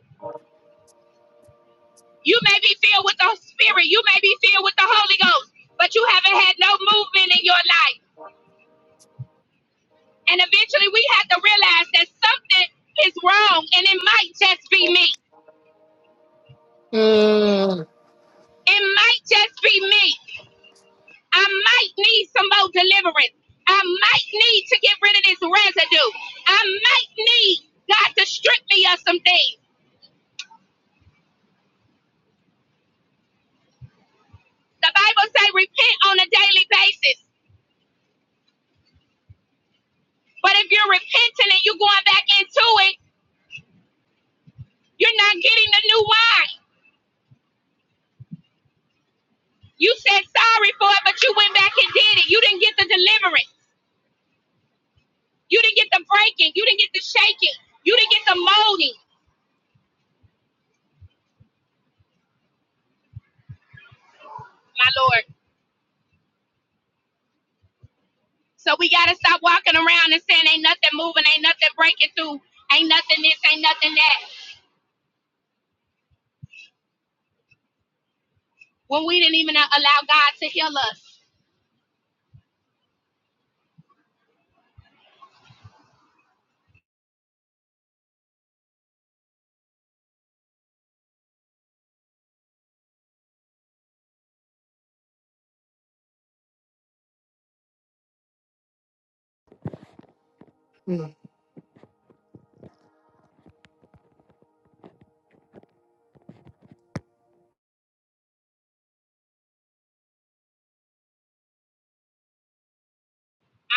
Speaker 2: You may be filled with the Spirit. You may be filled with the Holy Ghost, but you haven't had no movement in your life. And eventually we have to realize that something is wrong and it might just be me.
Speaker 1: mm.
Speaker 2: It might just be me. I might need some more deliverance. I might need to get rid of this residue. I might need God to strip me of some things. The Bible says repent on a daily basis. But if you're repenting and you're going back into it, you're not getting the new wine. You said sorry for it, but you went back and did it. You didn't get the deliverance. You didn't get the breaking. You didn't get the shaking. You didn't get the molding, my Lord. So we got to stop walking around and saying, ain't nothing moving, ain't nothing breaking through, ain't nothing this, ain't nothing that. When we didn't even uh, allow God to heal us.
Speaker 1: mm,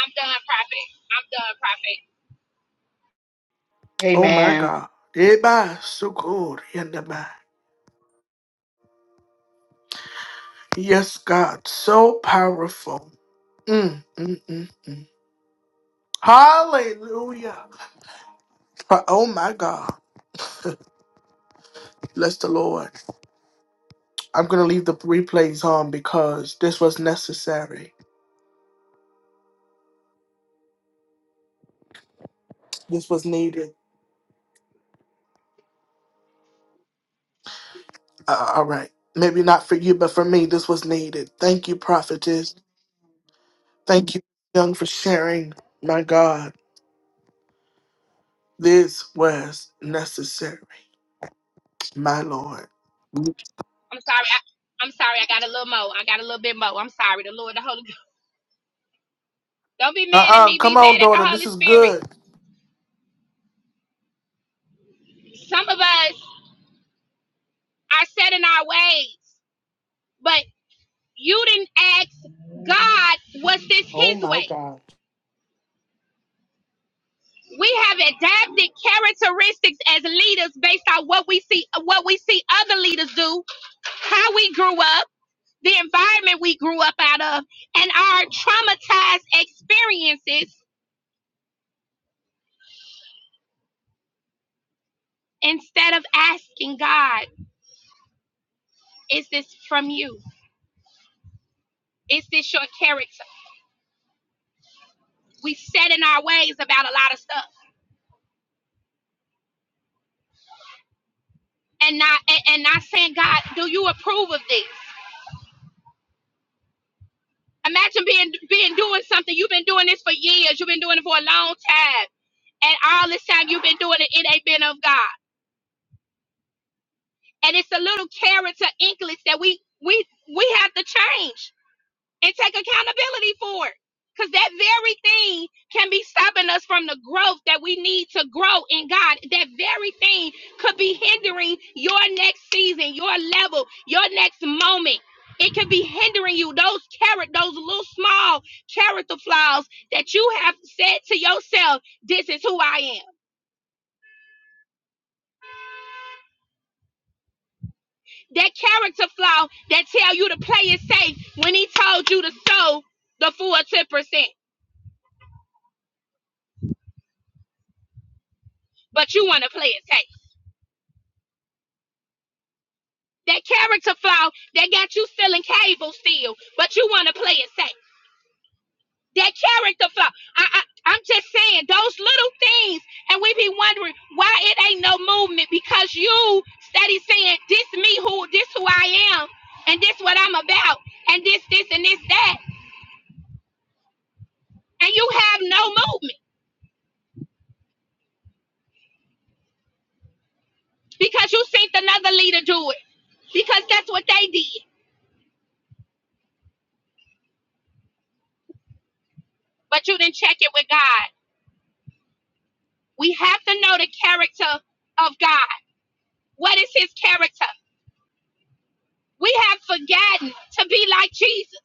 Speaker 2: I'm done, prophet. I'm done, prophet.
Speaker 1: Oh my
Speaker 3: Amen.
Speaker 1: God. Eba sukuri and the ba. Yes, God. So powerful. Mm, mm, mm, mm. Hallelujah. Uh, Oh my God. Bless the Lord. I'm going to leave the replays on because this was necessary. This was needed. Uh, uh, all right. Maybe not for you, but for me, this was needed. Thank you, prophetess. Thank you, young, for sharing. My God. This was necessary. My Lord.
Speaker 2: I'm sorry. I, I'm sorry. I got a little more. I got a little bit more. I'm sorry. The Lord, the Holy Ghost. Don't be mad at
Speaker 1: Uh-uh,
Speaker 2: me.
Speaker 1: come
Speaker 2: Be
Speaker 1: on,
Speaker 2: mad at the
Speaker 1: daughter. This
Speaker 2: Holy
Speaker 1: is
Speaker 2: Spirit.
Speaker 1: good.
Speaker 2: Some of us are set in our ways. But You didn't ask God, was this
Speaker 1: Oh
Speaker 2: his
Speaker 1: my
Speaker 2: way?
Speaker 1: God.
Speaker 2: We have adapted characteristics as leaders based on what we see what we see other leaders do, how we grew up, the environment we grew up out of, and our traumatized experiences instead of asking God, is this from you? Is this your character? We set in our ways about a lot of stuff and not and not saying, God, do you approve of this? Imagine being being doing something. You've been doing this for years. You've been doing it for a long time. And all this time you've been doing it, it ain't been of God. And it's a little character inklings that we we we have to change and take accountability for it. Because that very thing can be stopping us from the growth that we need to grow in God. That very thing could be hindering your next season, your level, your next moment. It could be hindering you. Those carrot, those little small character flaws that you have said to yourself, this is who I am. That character flaw that tell you to play it safe when he told you to sow the full 10%, but you want to play it safe That character flaw that got you selling cable still, but you want to play it safe. That character flaw. I, I, I'm just saying those little things, and we be wondering why it ain't no movement because you steady saying this me who this who I am, and this what I'm about, and this this and this that, and you have no movement because you seen another leader do it because that's what they did. But you didn't check it with God. We have to know the character of God. What is his character? We have forgotten to be like Jesus.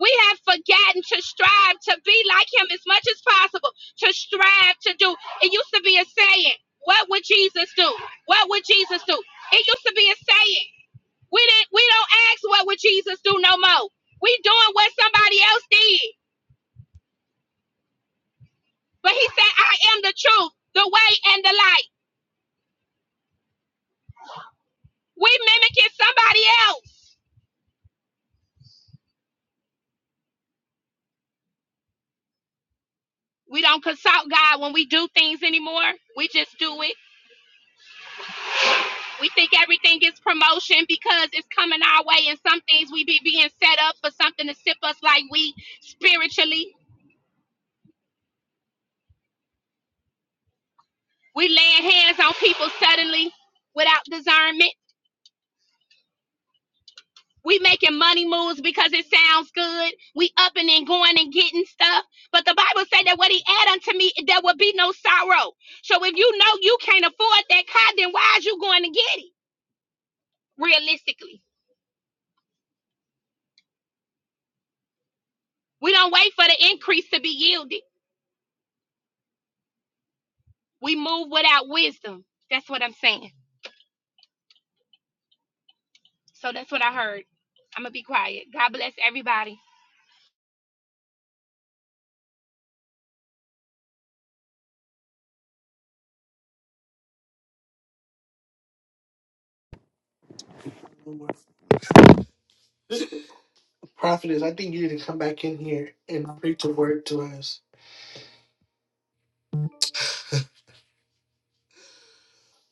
Speaker 2: We have forgotten to strive to be like him as much as possible, to strive to do. It used to be a saying, what would Jesus do? What would Jesus do? It used to be a saying. We didn't we don't ask what would Jesus do no more. We doing what somebody else did. But he said, I am the truth, the way and the light. We mimicking somebody else. We don't consult God when we do things anymore. We just do it We think everything is promotion because it's coming our way, and some things we be being set up for something to sip us like we spiritually. We laying hands on people suddenly without discernment. We making money moves because it sounds good. We upping and going and getting stuff. But the Bible said that what he add unto me, there will be no sorrow. So if you know you can't afford that car, then why is you going to get it? Realistically, we don't wait for the increase to be yielded. We move without wisdom. That's what I'm saying. So that's what I heard. I'm gonna be quiet. God bless everybody.
Speaker 1: Prophetess, I think you need to come back in here and preach a word to us.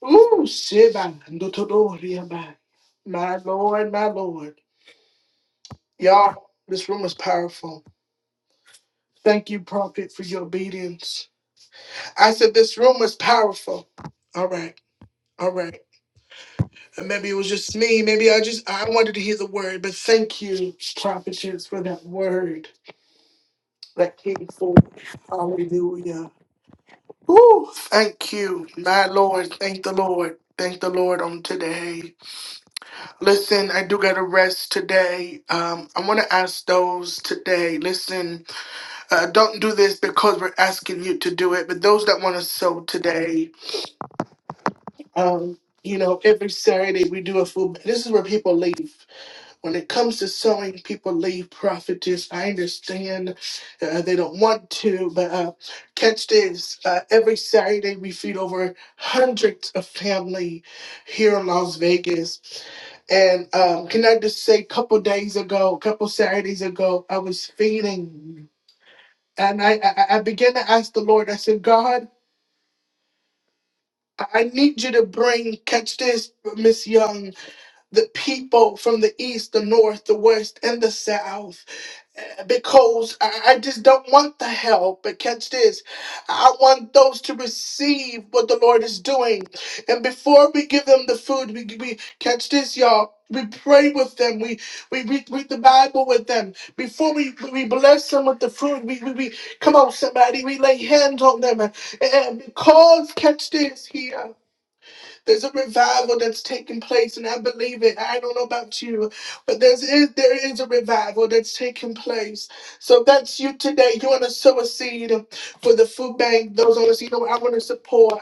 Speaker 1: Ooh, Shiba. Ndotodoria. My Lord, my Lord. Y'all, this room is powerful. Thank you, Prophet, for your obedience. I said this room was powerful. All right, all right. And Maybe it was just me. Maybe I just I wanted to hear the word, but thank you, Prophetess, for that word that came forth. Hallelujah. Woo, thank you, my Lord. Thank the Lord. Thank the Lord on today. Listen, I do got to rest today. Um, I want to ask those today. Listen, uh, don't do this because we're asking you to do it, but those that want to sow today, um, you know, every Saturday we do a full. This is where people leave. when it comes to sewing, people leave prophetess. I understand uh, they don't want to, but uh, catch this. Uh, every Saturday, we feed over hundreds of family here in Las Vegas. And um, can I just say, a couple days ago, a couple Saturdays ago, I was feeding. And I, I, I began to ask the Lord, I said, God, I I need you to bring, catch this, Miss Young, the people from the east, the north, the west, and the south. because I I just don't want the help. But catch this I want those to receive what the Lord is doing. And before we give them the food, we, we catch this, y'all. We pray with them. We we read, read the Bible with them. Before we, we bless them with the food, we, we, we come on, somebody. We lay hands on them. And because, catch this here. There's a revival that's taking place, and I believe it. I don't know about you, but there's is there is a revival that's taking place. So if that's you today. You want to sow a seed for the food bank. Those on the seed, you know I want to support.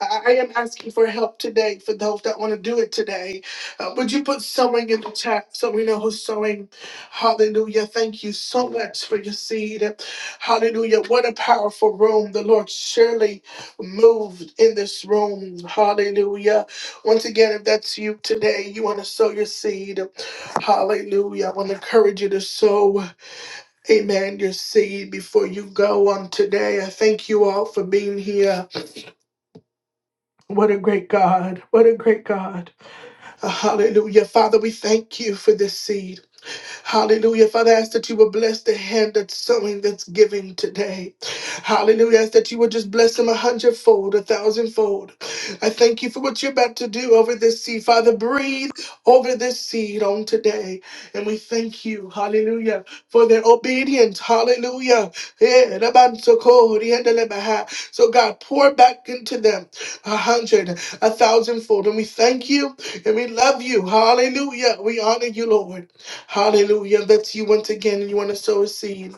Speaker 1: I I am asking for help today for those that want to do it today. Uh, would you put sowing in the chat so we know who's sowing? Hallelujah. Thank you so much for your seed. Hallelujah. What a powerful room. The Lord surely moved in this room. Hallelujah. Once again, if that's you today, you want to sow your seed. Hallelujah. I want to encourage you to sow, amen, your seed before you go on today. I thank you all for being here. What a great God. What a great God. Hallelujah. Father, we thank you for this seed. Hallelujah. Father, I ask that you would bless the hand that's sowing, that's giving today. Hallelujah. I ask that you would just bless them a hundredfold, a thousandfold. I thank you for what you're about to do over this seed. Father, breathe over this seed on today. And we thank you, hallelujah, for their obedience. Hallelujah. Yeah, rabansoko, riendelebaha. So, God, pour back into them a hundred, a thousandfold. And we thank you. And we love you. Hallelujah. We honor you, Lord. Hallelujah. That's you once again. You want to sow a seed.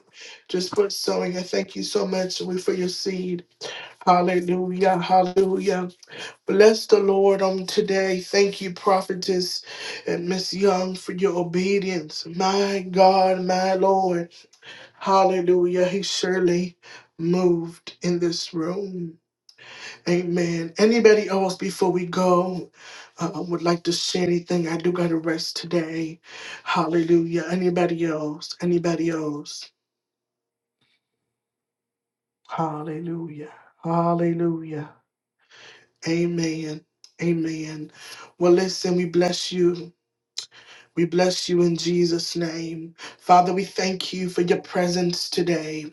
Speaker 1: Just put sowing. I thank you so much for your seed. Hallelujah. Hallelujah. Bless the Lord on today. Thank you, prophetess and Miss Young, for your obedience. My God, my Lord. Hallelujah. He surely moved in this room. Amen. Anybody else before we go uh, would like to say anything? I do got to rest today. Hallelujah. Anybody else? Anybody else? Hallelujah. Hallelujah. Amen. Amen. Well, listen, we bless you. We bless you in Jesus' name. Father, we thank you for your presence today.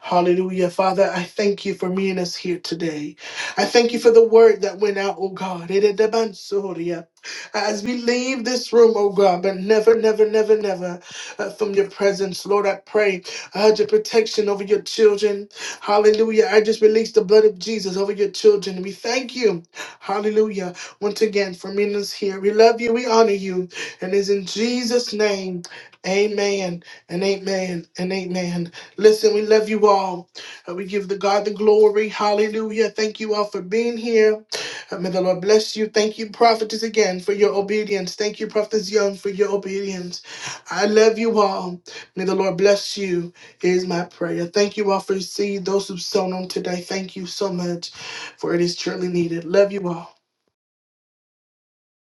Speaker 1: Hallelujah. Father, I thank you for meeting us here today. I thank you for the word that went out, oh God. Eredebansoria. As we leave this room, oh God, but never, never, never, never uh, from your presence, Lord, I pray I had your protection over your children. Hallelujah. I just release the blood of Jesus over your children. We thank you. Hallelujah. Once again for meeting us here. We love you. We honor you. And it's in Jesus' name. Amen and amen and amen. Listen, we love you all. And we give the God the glory. Hallelujah. Thank you all for being here. And may the Lord bless you. Thank you, prophetess, again for your obedience. Thank you, prophetess Young, for your obedience. I love you all. May the Lord bless you, is my prayer. Thank you all for seeing those who've sown on today. Thank you so much, for it is truly needed. Love you all.